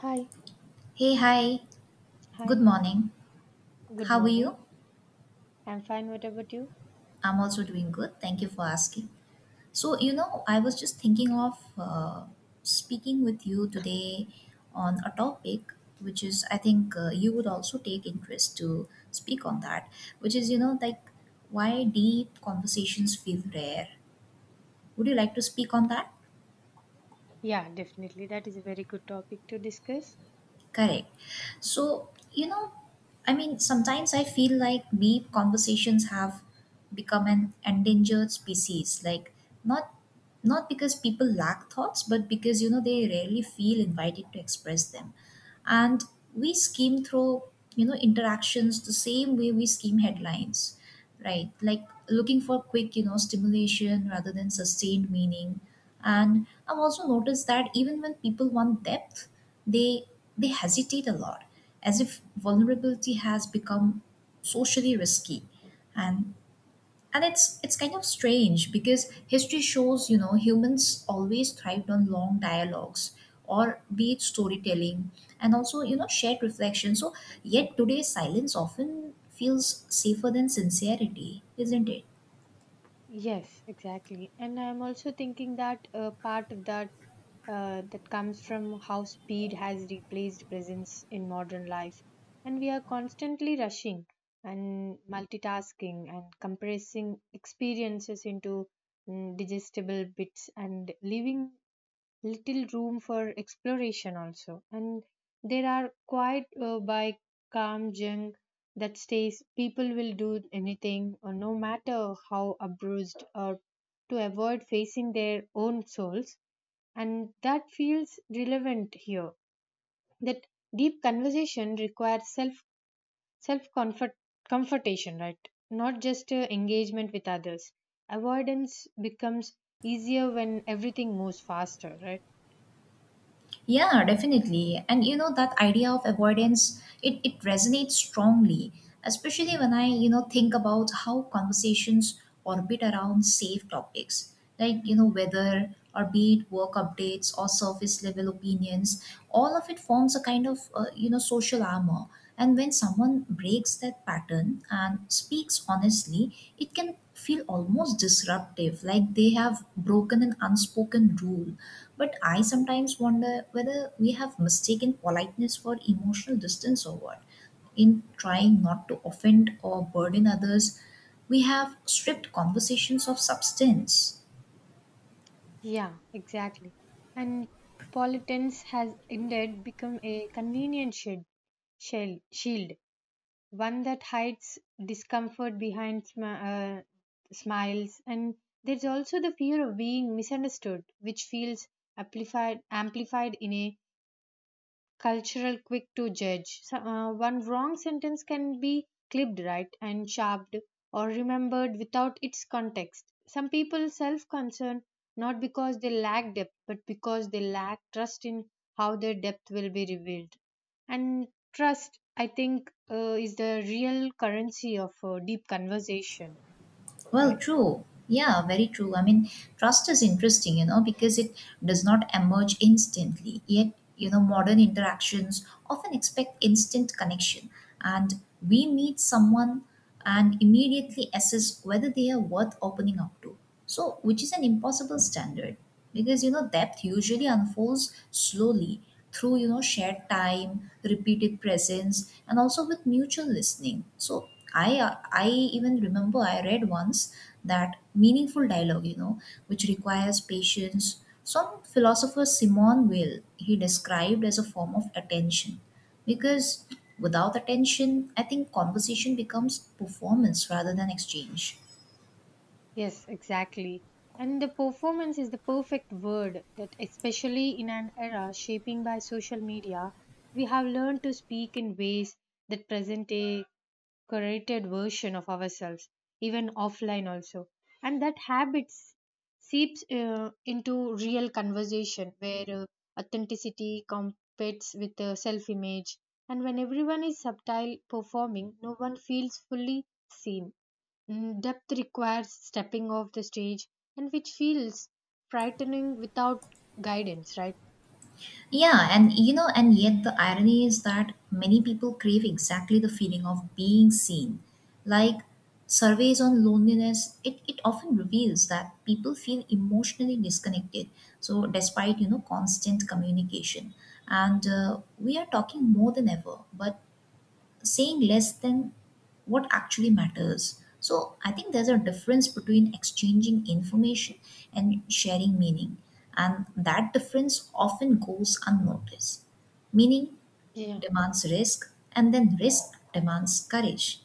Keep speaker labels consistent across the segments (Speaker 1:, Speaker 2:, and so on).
Speaker 1: Hi,
Speaker 2: Hey, hi. Good
Speaker 1: hi, hi.
Speaker 2: morning.
Speaker 1: Good
Speaker 2: How are you?
Speaker 1: morning. I'm fine. What about you?
Speaker 2: I'm also doing good. Thank you for asking. So, you know, I was just thinking of speaking with you today on a topic which is, I think you would also take interest to speak on that, which is, you know, like why deep conversations feel rare. Would you like to speak on that?
Speaker 1: Yeah, definitely. That is a very good topic to discuss.
Speaker 2: Correct. So, you know, I mean, sometimes I feel like deep conversations have become an endangered species. Like, not not because people lack thoughts, but because you know they rarely feel invited to express them. And we skim through, you know, interactions the same way we skim headlines, right, like looking for quick, you know, stimulation rather than sustained meaning. And I've also noticed that even when people want depth, they they hesitate a lot, as if vulnerability has become socially risky. And and it's kind of strange because history shows, you know, humans always thrived on long dialogues, or be it storytelling, and also, you know, shared reflection. So yet today's silence often feels safer than sincerity, isn't it?
Speaker 1: Yes, exactly. And I'm also thinking that part of that comes from how speed has replaced presence in modern life. And we are constantly rushing and multitasking and compressing experiences into digestible bits and leaving little room for exploration also, and there are quite by calm jung that stays. People will do anything or no matter how abused or to avoid facing their own souls, and that feels relevant here that deep conversation requires self comfortation, right? Not just engagement with others. Avoidance becomes easier when everything moves faster, right?
Speaker 2: Yeah, definitely. And you know that idea of avoidance, it resonates strongly, especially when I, you know, think about how conversations orbit around safe topics, like, you know, weather or be it work updates or surface level opinions, all of it forms a kind of, you know, social armor. And when someone breaks that pattern and speaks honestly, it can feel almost disruptive, like they have broken an unspoken rule, but I sometimes wonder whether we have mistaken politeness for emotional distance or what. In trying not to offend or burden others, we have stripped conversations of substance.
Speaker 1: Yeah, exactly. And politics has indeed become a convenient shield, one that hides discomfort behind smiles. And there's also the fear of being misunderstood, which feels amplified in a cultural quick to judge. So, one wrong sentence can be clipped right and sharped, or remembered without its context. Some people self concern, not because they lack depth, but because they lack trust in how their depth will be revealed. And trust, I think, is the real currency of deep conversation,
Speaker 2: Well,
Speaker 1: right?
Speaker 2: true. Yeah, very true. I mean, trust is interesting, you know, because it does not emerge instantly. Yet, you know, modern interactions often expect instant connection. And we meet someone and immediately assess whether they are worth opening up to. So, which is an impossible standard because you know depth usually unfolds slowly through, you know, shared time, repeated presence, and also with mutual listening. So, I even remember I read once that meaningful dialogue, you know, which requires patience. Some philosopher Simon Weil he described as a form of attention, because without attention, I think conversation becomes performance rather than exchange.
Speaker 1: Yes, exactly. And the performance is the perfect word that, especially in an era shaping by social media, we have learned to speak in ways that present a curated version of ourselves, even offline also. And that habit seeps into real conversation where authenticity competes with self image. And when everyone is subtle performing, no one feels fully seen. Depth requires stepping off the stage, and which feels frightening without guidance, right?
Speaker 2: Yeah, and you know, and yet the irony is that many people crave exactly the feeling of being seen. Like surveys on loneliness, it often reveals that people feel emotionally disconnected. So, despite you know constant communication, and we are talking more than ever, but saying less than what actually matters. So I think there's a difference between exchanging information and sharing meaning, and that difference often goes unnoticed. Meaning
Speaker 1: Yeah.
Speaker 2: demands risk, and then risk demands courage.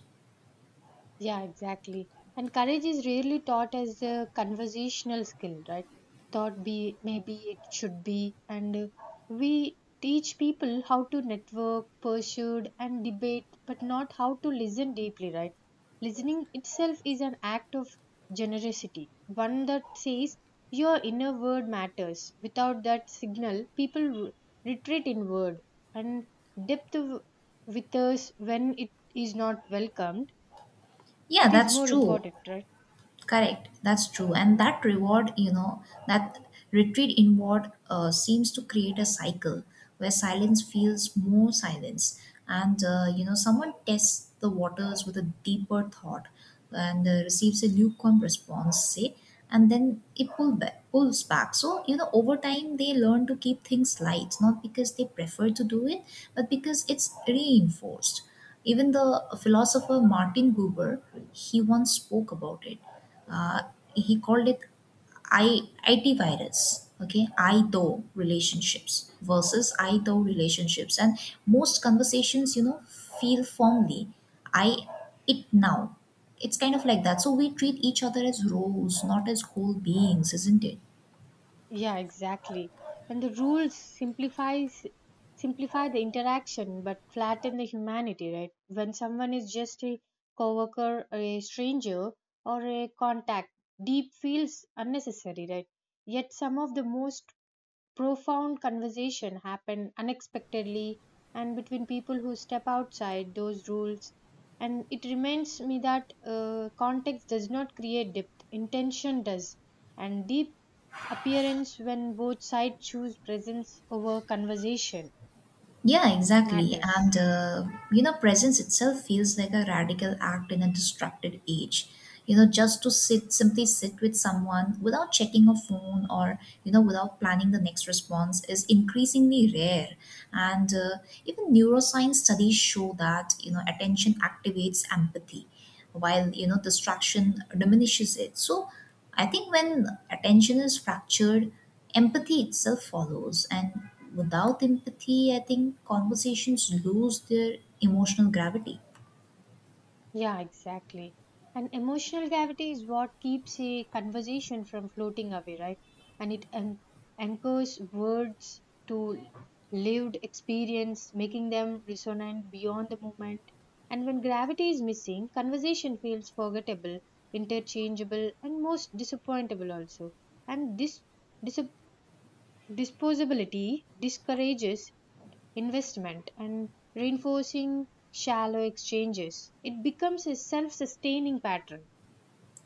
Speaker 1: Yeah, exactly. And courage is rarely taught as a conversational skill, right? Thought be maybe it should be, and we teach people how to network, pursue, and debate, but not how to listen deeply, right? Listening itself is an act of generosity, one that says your inner word matters. Without that signal, people retreat inward, and depth withers when it is not welcomed,
Speaker 2: Yeah,
Speaker 1: it is
Speaker 2: that's
Speaker 1: more
Speaker 2: true.
Speaker 1: important, right?
Speaker 2: Correct, that's true. And that reward, you know, that retreat inward seems to create a cycle where silence feels more silence. And, you know, someone tests the waters with a deeper thought and receives a lukewarm response, say, and then pulls back. So, you know, over time they learn to keep things light, not because they prefer to do it, but because it's reinforced. Even the philosopher Martin Buber, he once spoke about it, uh, he called it I, IT virus, okay, I though
Speaker 1: Okay.
Speaker 2: relationships versus I though relationships. And most conversations, you know, feel formally I, it now. It's kind of like that. So we treat each other as roles, not as whole beings, isn't it?
Speaker 1: Yeah, exactly. And the rules simplifies simplify the interaction but flatten the humanity, right? When someone is just a coworker, a stranger, or a contact, deep feels unnecessary, right? Yet some of the most profound conversation happen unexpectedly and between people who step outside those rules, and it reminds me that context does not create depth, intention does, and deep appearance when both sides choose presence over conversation
Speaker 2: Yeah, exactly.
Speaker 1: matters.
Speaker 2: And, you know, presence itself feels like a radical act in a distracted age. You know, just to sit, simply sit with someone without checking a phone or, you know, without planning the next response is increasingly rare. And even neuroscience studies show that, you know, attention activates empathy, while you know distraction diminishes it. So I think when attention is fractured, empathy itself follows, and without empathy I think conversations lose their emotional gravity.
Speaker 1: Yeah, exactly. And emotional gravity is what keeps a conversation from floating away, right? And it anchors words to lived experience, making them resonant beyond the moment. And when gravity is missing, conversation feels forgettable, interchangeable, and most disappointable also. And this dis- disposability discourages investment and reinforcing shallow exchanges. It becomes a self sustaining pattern.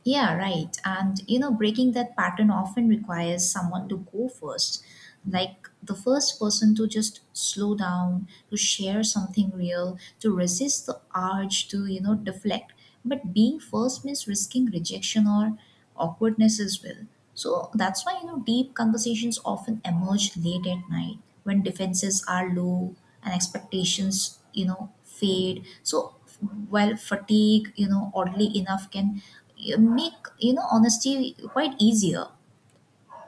Speaker 2: Yeah, right. And you know, breaking that pattern often requires someone to go first, like the first person to just slow down, to share something real, to resist the urge to, you know, deflect. But being first means risking rejection or awkwardness as well. So that's why, you know, deep conversations often emerge late at night when defenses are low and expectations you know fade. So while fatigue, you know, oddly enough can, make, you know, honesty quite easier.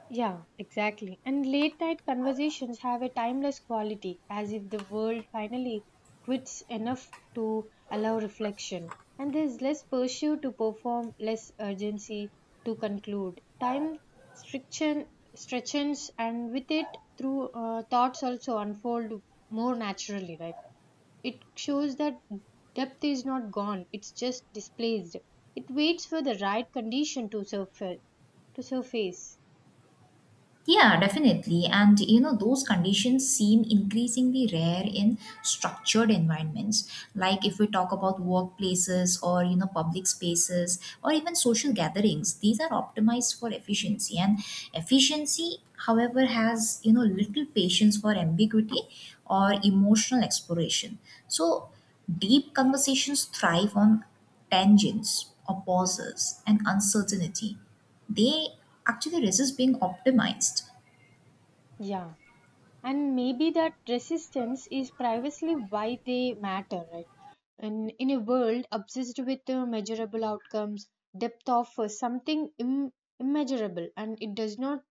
Speaker 1: Yeah, exactly. And late night conversations have a timeless quality, as if the world finally quits enough to allow reflection. And there's less pursuit to perform, less urgency to conclude. Time striction, stretches, and with it, through thoughts also unfold more naturally, right? It shows that depth is not gone, it's just displaced. It waits for the right condition to surface. To surface.
Speaker 2: Yeah, definitely. And you know, those conditions seem increasingly rare in structured environments. Like if we talk about workplaces or, you know, public spaces or even social gatherings, these are optimized for efficiency. And efficiency, however, has, you know, little patience for ambiguity or emotional exploration. So deep conversations thrive on tangents or pauses and uncertainty. They actually resist being optimized.
Speaker 1: Yeah. And maybe that resistance is precisely why they matter, right? And in a world obsessed with measurable outcomes, depth offers something immeasurable, and it does not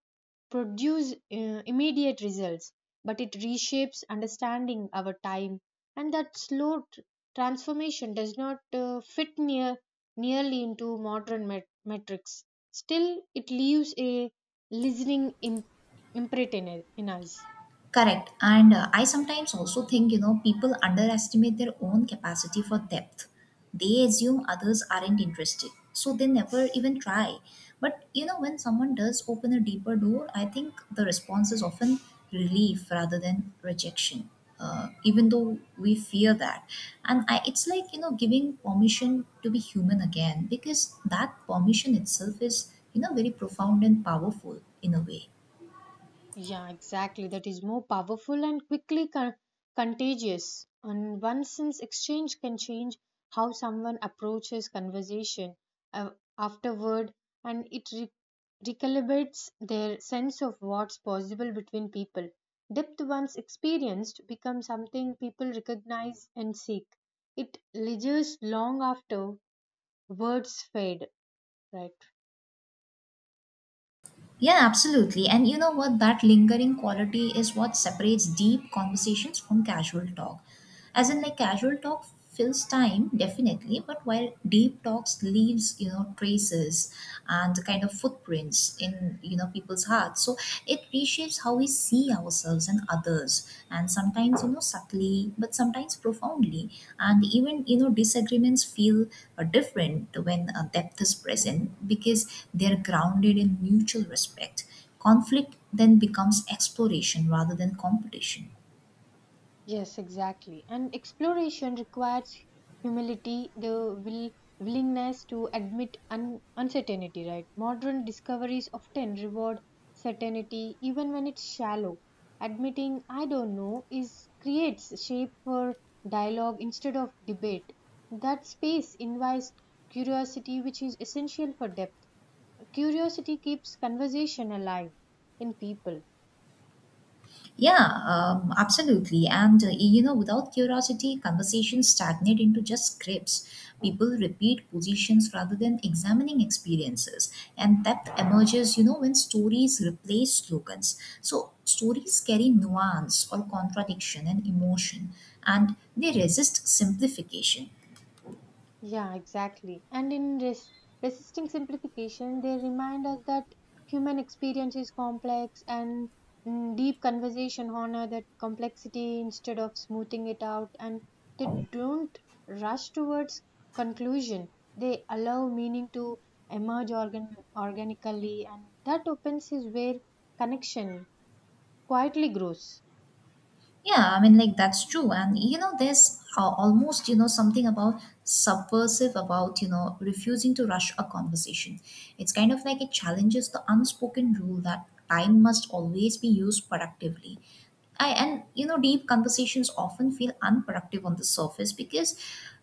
Speaker 1: produce immediate results, but it reshapes understanding our time. And that slow transformation does not fit nearly into modern metrics. Still, it leaves a listening imprint in us.
Speaker 2: Correct. And I sometimes also think, you know, people underestimate their own capacity for depth. They assume others aren't interested, so they never even try. But, you know, when someone does open a deeper door, I think the response is often relief rather than rejection. Even though we fear that, and I, it's like you know giving permission to be human again, because that permission itself is, you know, very profound and powerful in a way.
Speaker 1: Yeah, exactly. That is more powerful and quickly contagious. And one sense exchange can change how someone approaches conversation uh, afterward, and it recalibrates their sense of what's possible between people. Depth once experienced becomes something people recognize and seek. It lingers long after words fade, right?
Speaker 2: Yeah, absolutely. And you know what? That lingering quality is what separates deep conversations from casual talk. As in, like, casual talk fills time, definitely, but while deep talks leaves, you know, traces and kind of footprints in, you know, people's hearts. So it reshapes how we see ourselves and others, and sometimes you know subtly but sometimes profoundly. And even, you know, disagreements feel different when depth is present, because they're grounded in mutual respect. Conflict then becomes exploration rather than competition.
Speaker 1: Yes, exactly. And exploration requires humility, the willingness to admit uncertainty, right? Modern discoveries often reward certainty, even when it's shallow. Admitting I don't know is creates shape for dialogue instead of debate. That space invites curiosity, which is essential for depth. Curiosity keeps conversation alive in people.
Speaker 2: Yeah, absolutely. And you know, without curiosity, conversations stagnate into just scripts. People repeat positions rather than examining experiences, and depth emerges, you know, when stories replace slogans. So stories carry nuance or contradiction and emotion, and they resist simplification.
Speaker 1: Yeah, exactly. And in resisting simplification, they remind us that human experience is complex, and deep conversation honor that complexity instead of smoothing it out. And they don't rush towards conclusion. They allow meaning to emerge organically, and that opens is where connection quietly grows.
Speaker 2: Yeah, I mean, like that's true. And you know, there's almost, you know, something about subversive about, you know, refusing to rush a conversation. It's kind of like it challenges the unspoken rule that time must always be used productively. I and you know deep conversations often feel unproductive on the surface because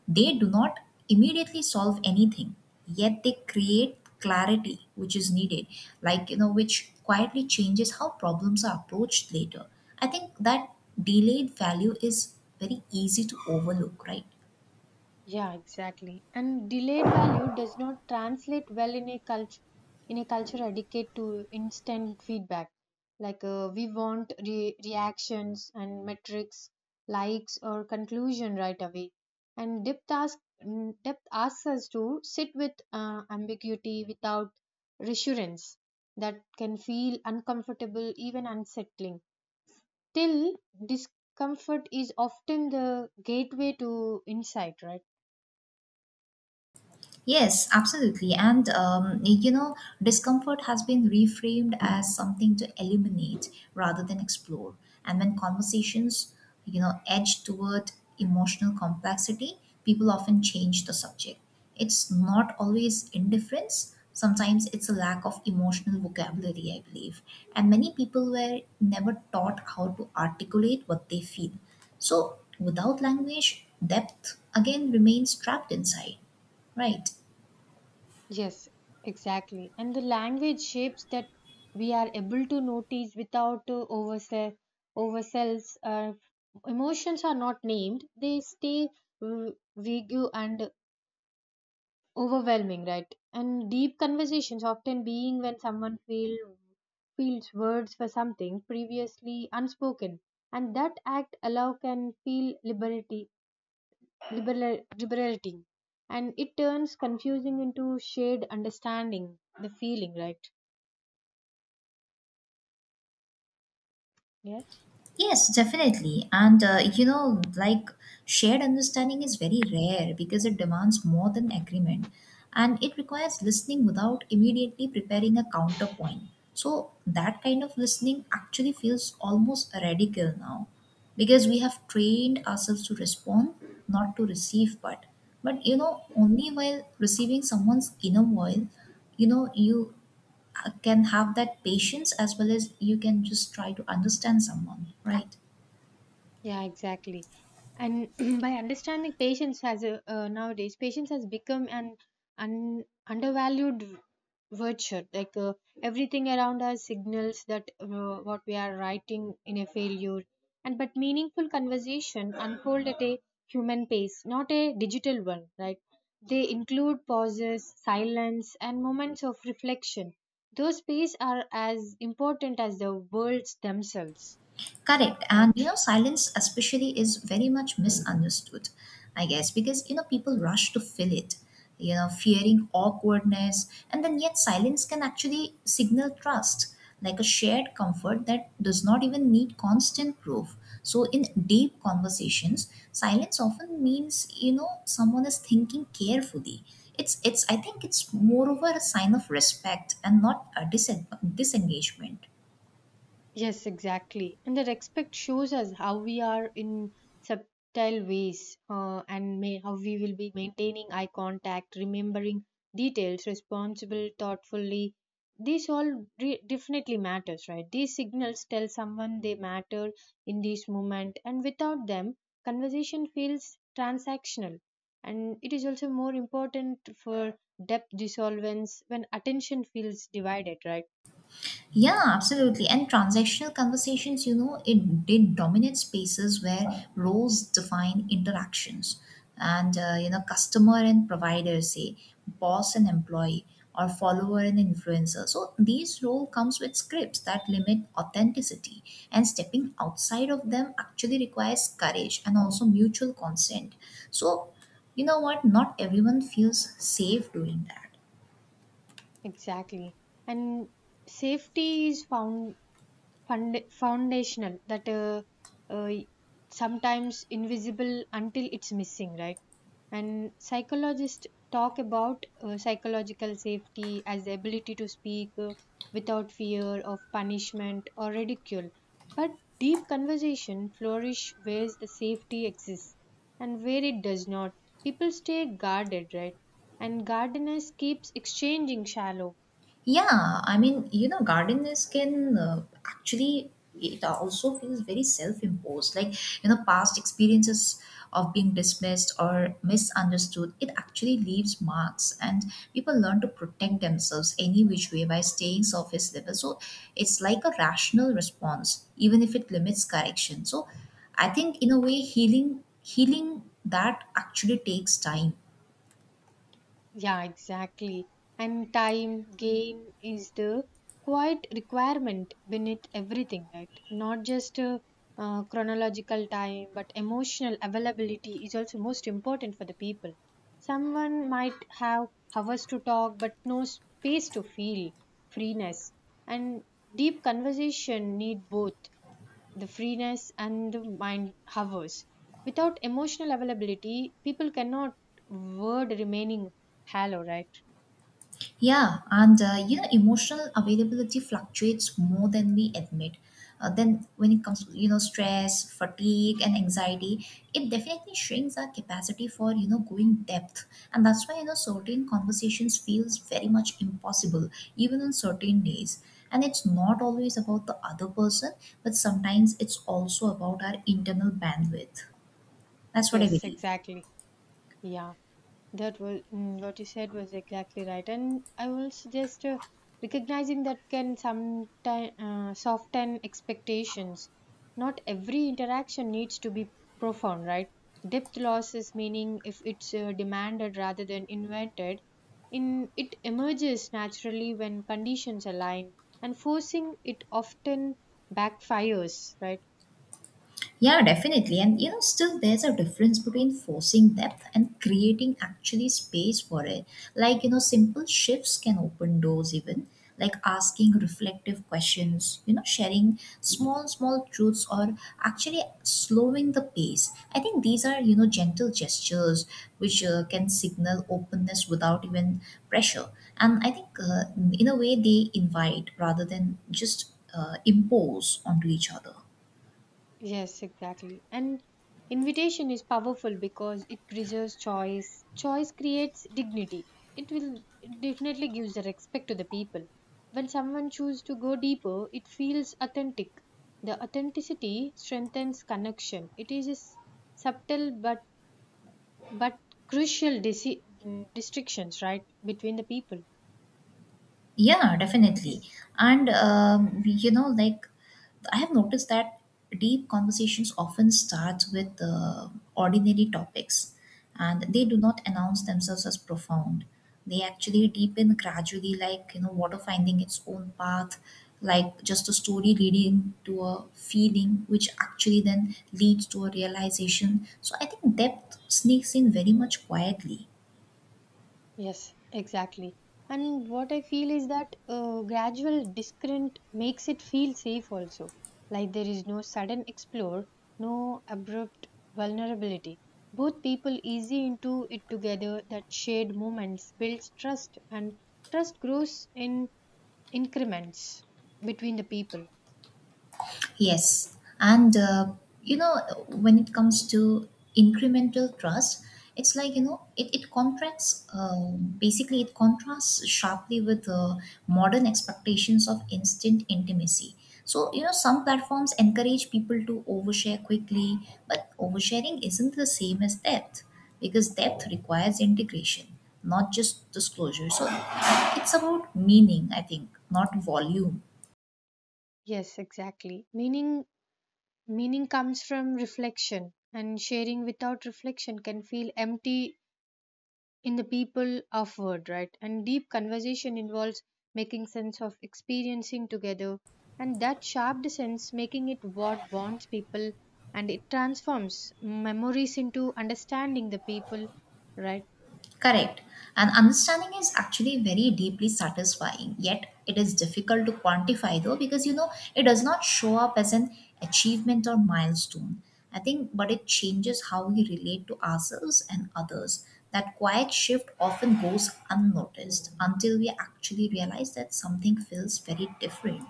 Speaker 2: they do not immediately solve anything, yet they create clarity which is needed, like you know which quietly changes how problems are approached later. I think that delayed value is very easy to overlook, right?
Speaker 1: Yeah, exactly. And delayed value does not translate well in a culture addicted to instant feedback. Like we want reactions and metrics, likes or conclusion right away. And depth asks us to sit with ambiguity without reassurance that can feel uncomfortable, even unsettling. Till discomfort is often the gateway to insight, right?
Speaker 2: Yes, absolutely. And, you know, discomfort has been reframed as something to eliminate rather than explore. And when conversations, you know, edge toward emotional complexity, people often change the subject. It's not always indifference. Sometimes it's a lack of emotional vocabulary, I believe. And many people were never taught how to articulate what they feel. So without language, depth again remains trapped inside, right?
Speaker 1: Yes, exactly. And the language shapes that we are able to notice without oversells. Emotions are not named, they stay uh, vague and overwhelming, right? And deep conversations often being when someone feels words for something previously unspoken. And that act allow can feel liberating, and it turns confusing into shared understanding the feeling, right? Yes.
Speaker 2: Yes, definitely. And you know, like shared understanding is very rare because it demands more than agreement, and it requires listening without immediately preparing a counterpoint. So, that kind of listening actually feels almost radical now because we have trained ourselves to respond, not to receive, but you know, only while receiving someone's inner voice, you know, you can have that patience as well as you can just try to understand someone, right?
Speaker 1: Yeah, exactly. And by understanding patience as a nowadays, patience has become an undervalued virtue. Like everything around us signals that what we are writing in a failure. And but meaningful conversation unfold at a human pace, not a digital one, right? They include pauses, silence, and moments of reflection. Those spaces are as important as the words themselves,
Speaker 2: Correct. And
Speaker 1: right?
Speaker 2: you know, silence especially is very much misunderstood, I guess, because you know, people rush to fill it, you know, fearing awkwardness. And then yet silence can actually signal trust, like a shared comfort that does not even need constant proof. So in deep conversations, silence often means, you know, someone is thinking carefully. It's I think it's moreover a sign of respect and not a disengagement.
Speaker 1: Yes, exactly. And the respect shows us how we are in subtle ways, how we will be maintaining eye contact, remembering details, responsible, thoughtfully. This all definitely matters, right? These signals tell someone they matter in this moment, and without them, conversation feels transactional. And it is also more important for depth dissolvence when attention feels divided, right?
Speaker 2: Yeah, absolutely. And transactional conversations, you know, it did dominate spaces where roles define interactions. And, you know, customer and provider, say, boss and employee, or follower and influencer. So these role comes with scripts that limit authenticity. And stepping outside of them actually requires courage and also mutual consent. So, you know what? Not everyone feels safe doing that.
Speaker 1: Exactly. And safety is foundational, that uh, sometimes invisible until it's missing, right? And psychologists talk about psychological safety as the ability to speak without fear of punishment or ridicule. But deep conversation flourish where the safety exists and where it does not. People stay guarded, right? And guardedness keeps exchanging shallow.
Speaker 2: Yeah, I mean, you know, gardeners can actually, it also feels very self imposed. Like, you know, past experiences of being dismissed or misunderstood, it actually leaves marks, and people learn to protect themselves any which way by staying surface level. So, it's like a rational response, even if it limits correction. So, I think, in a way, healing that actually takes time.
Speaker 1: Yeah, exactly. And game is the quiet requirement beneath everything, right? Not just chronological time, but emotional availability is also most important for the people. Someone might have hours to talk, but no space to feel freeness. And deep conversation need both the freeness and the mind hovers. Without emotional availability, people cannot word remaining hello, right?
Speaker 2: Yeah, and you know, emotional availability fluctuates more than we admit. Then, when it comes to you know stress, fatigue, and anxiety, it definitely shrinks our capacity for you know going depth, and that's why you know certain conversations feels very much impossible, even on certain days. And it's not always about the other person, but sometimes it's also about our internal bandwidth. That's what I
Speaker 1: Yes,
Speaker 2: believe.
Speaker 1: exactly. Yeah. That was what you said was exactly right, and I will suggest recognizing that can sometimes soften expectations. Not every interaction needs to be profound, right? Depth losses meaning if it's demanded rather than invented, in it emerges naturally when conditions align, and forcing it often backfires, right?
Speaker 2: Yeah, definitely. And still there's a difference between forcing depth and creating actually space for it. Simple shifts can open doors even, like asking reflective questions, sharing small, small truths or actually slowing the pace. I think these are, gentle gestures which can signal openness without even pressure. And I think in a way they invite rather than just impose onto each other.
Speaker 1: Yes, exactly. And invitation is powerful because it preserves choice. Choice creates dignity. It definitely gives the respect to the people. When someone chooses to go deeper, it feels authentic. The authenticity strengthens connection. It is a subtle but crucial distinctions, right, between the people.
Speaker 2: Yeah,
Speaker 1: It
Speaker 2: definitely.
Speaker 1: is
Speaker 2: And, I have noticed that deep conversations often start with ordinary topics and they do not announce themselves as profound. They actually deepen gradually, like, water finding its own path, like just a story leading to a feeling, which actually then leads to a realization. So I think depth sneaks in very much quietly.
Speaker 1: Yes, exactly. And what I feel is that gradual descent makes it feel safe also. Like there is no sudden explore, no abrupt vulnerability. Both people easy into it together, that shared moments builds trust, and trust grows in increments between the people.
Speaker 2: Yes. And, you know, when it comes to incremental trust, it's like, it contrasts sharply with modern expectations of instant intimacy. So, some platforms encourage people to overshare quickly, but oversharing isn't the same as depth because depth requires integration, not just disclosure. So, it's about meaning, I think, not volume.
Speaker 1: Yes, exactly. Meaning comes from reflection, and sharing without reflection can feel empty in the people of word, right? And deep conversation involves making sense of experiencing together, and that sharp sense making it what bonds people, and it transforms memories into understanding the people, right?
Speaker 2: Correct. And understanding is actually very deeply satisfying, yet it is difficult to quantify though, because it does not show up as an achievement or milestone. I think, but it changes how we relate to ourselves and others. That quiet shift often goes unnoticed until we actually realize that something feels very different.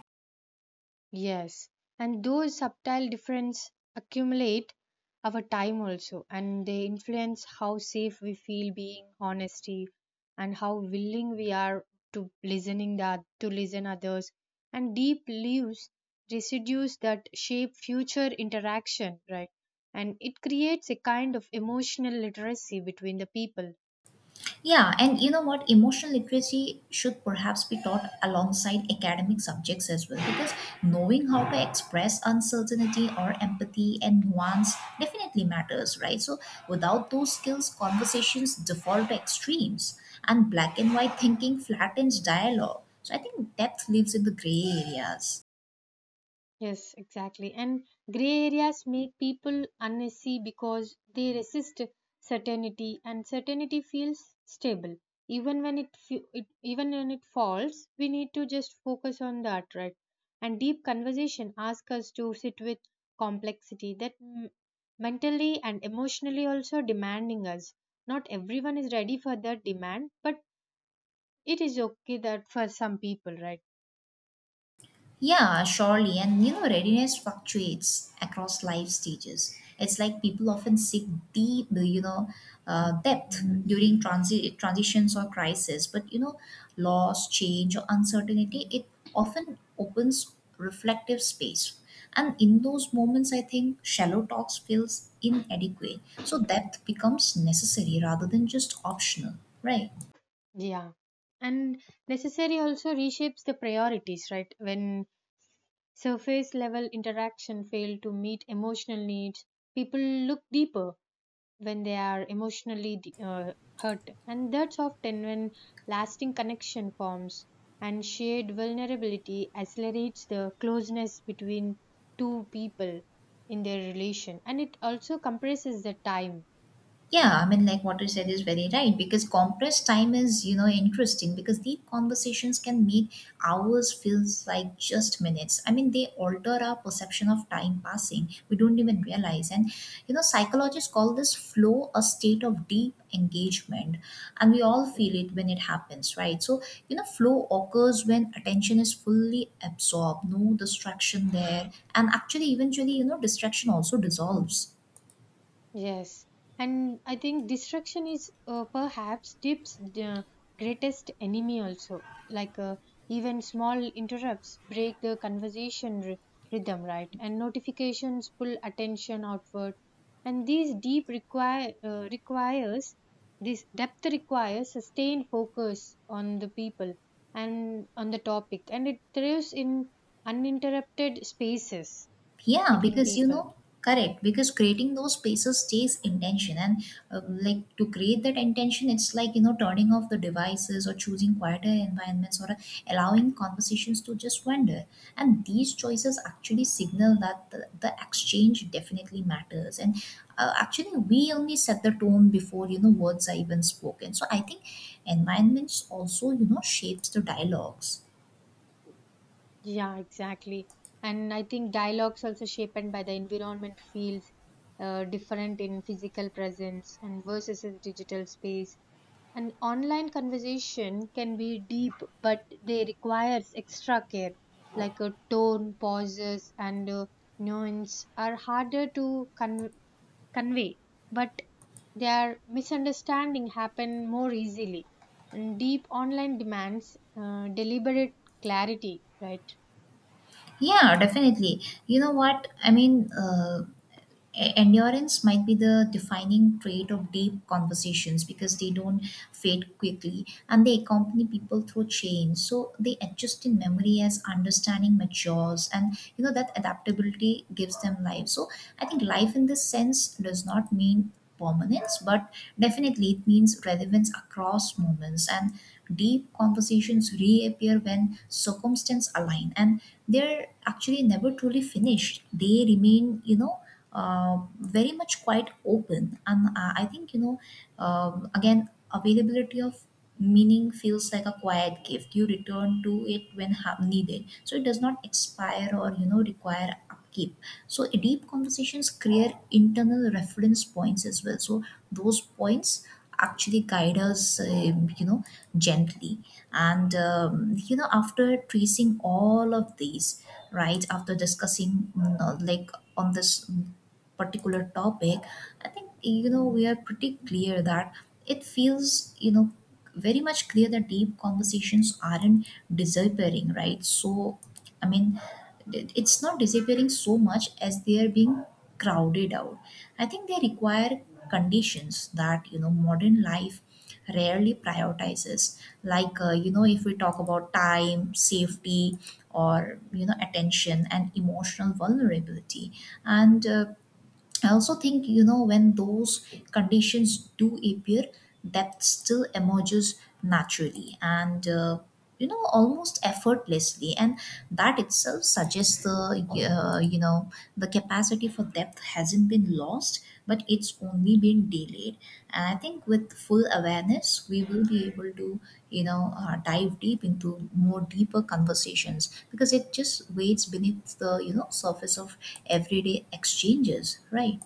Speaker 1: Yes, and those subtle differences accumulate over time also, and they influence how safe we feel being honesty, and how willing we are to listen others, and deep leaves residues that shape future interaction, right? And it creates a kind of emotional literacy between the people.
Speaker 2: Yeah, and you know what? Emotional literacy should perhaps be taught alongside academic subjects as well because knowing how to express uncertainty or empathy and nuance definitely matters, right? So, without those skills, conversations default to extremes and black and white thinking flattens dialogue. So, I think depth lives in the gray areas.
Speaker 1: Yes, exactly. And gray areas make people uneasy because they resist certainty, and certainty feels stable. Even when it falls, we need to just focus on that, right? And deep conversation ask us to sit with complexity that mentally and emotionally also demanding us. Not everyone is ready for that demand, but it is okay that for some people, right?
Speaker 2: Yeah, surely. And readiness fluctuates across life stages. It's like people often seek deep, uh, you know, depth during transitions or crisis. But loss, change, or uncertainty, it often opens reflective space. And in those moments, I think shallow talks feels inadequate. So depth becomes necessary rather than just optional, right?
Speaker 1: Yeah. And necessary also reshapes the priorities, right? When surface level interaction fail to meet emotional needs, people look deeper when they are emotionally hurt. And that's often when lasting connection forms, and shared vulnerability accelerates the closeness between two people in their relation. And it also compresses the time.
Speaker 2: Yeah, I mean, like what you said is very right because compressed time is, interesting because deep conversations can make hours feels like just minutes. I mean, they alter our perception of time passing. We don't even realize. And, psychologists call this flow a state of deep engagement. And we all feel it when it happens, right? So, flow occurs when attention is fully absorbed, no distraction there. And actually, eventually, distraction also dissolves.
Speaker 1: Yes, and I think distraction is perhaps Deep's the greatest enemy also. Like even small interrupts break the conversation rhythm, right? And notifications pull attention outward, and these deep require requires this depth requires sustained focus on the people and on the topic, and it thrives in uninterrupted spaces
Speaker 2: Yeah,
Speaker 1: between
Speaker 2: because
Speaker 1: people.
Speaker 2: correct because creating those spaces takes intention and uh, like to create that intention, it's like turning off the devices or choosing quieter environments or allowing conversations to just wander, and these choices actually signal that the exchange definitely matters, and actually we only set the tone before words are even spoken. So I think environments also shapes the dialogues.
Speaker 1: Yeah, exactly. And I think dialogues also shaped by the environment feels different in physical presence and versus a digital space. An online conversation can be deep, but they requires extra care, like a tone, pauses, and nuance are harder to convey. But their misunderstanding happen more easily. And deep online demands deliberate clarity, right?
Speaker 2: Yeah, definitely. You know what? I mean, endurance might be the defining trait of deep conversations because they don't fade quickly and they accompany people through change. So they adjust in memory as understanding matures, and that adaptability gives them life. So I think life in this sense does not mean permanence, but definitely it means relevance across moments. And deep conversations reappear when circumstances align, and they're actually never truly finished. They remain, you know. Very much quite open. And I think you know again, availability of meaning feels like a quiet gift. You return to it when needed, so it does not expire or require upkeep. So deep conversations create internal reference points as well, so those points actually guide us gently. And after tracing all of these, right, after discussing like on this particular topic, I think we are pretty clear that it feels very much clear that deep conversations aren't disappearing, right? So, I mean, it's not disappearing so much as they are being crowded out. I think they require conditions that modern life rarely prioritizes, like if we talk about time, safety, or attention and emotional vulnerability. And I also think, when those conditions do appear, depth still emerges naturally and, almost effortlessly. And that itself suggests the, uh, you know, the capacity for depth hasn't been lost, but it's only been delayed. And I think with full awareness, we will be able to, dive deep into more deeper conversations because it just waits beneath the, surface of everyday exchanges, right?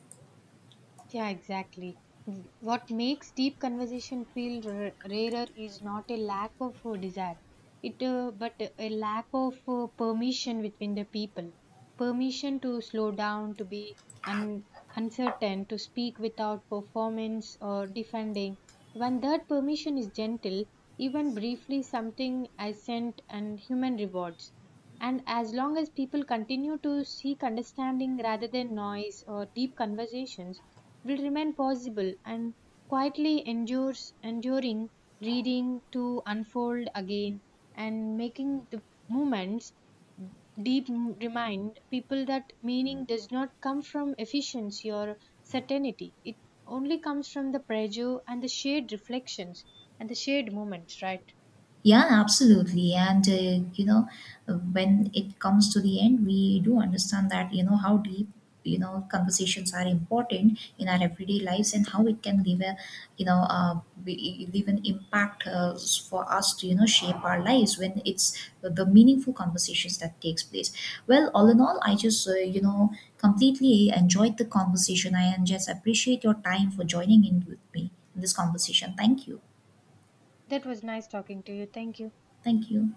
Speaker 1: Yeah, exactly. What makes deep conversation feel rarer is not a lack of desire, it but a lack of permission between the people. Permission to slow down, to be un- uncertain, to speak without performance or defending. When that permission is gentle, even briefly, something assent and human rewards, and as long as people continue to seek understanding rather than noise or deep conversations, will remain possible and quietly endures enduring reading to unfold again, and making the movements deep remind people that meaning does not come from efficiency or certainty. It only comes from the pressure and the shared reflections and the shared moments, right?
Speaker 2: Yeah, absolutely. And, when it comes to the end, we do understand that, how deep, conversations are important in our everyday lives and how it can leave a, leave an impact for us to, shape our lives when it's the meaningful conversations that takes place. Well, all in all, I just, completely enjoyed the conversation. I and just appreciate your time for joining in with me in this conversation. Thank you.
Speaker 1: That was nice talking to you. Thank you.
Speaker 2: Thank you.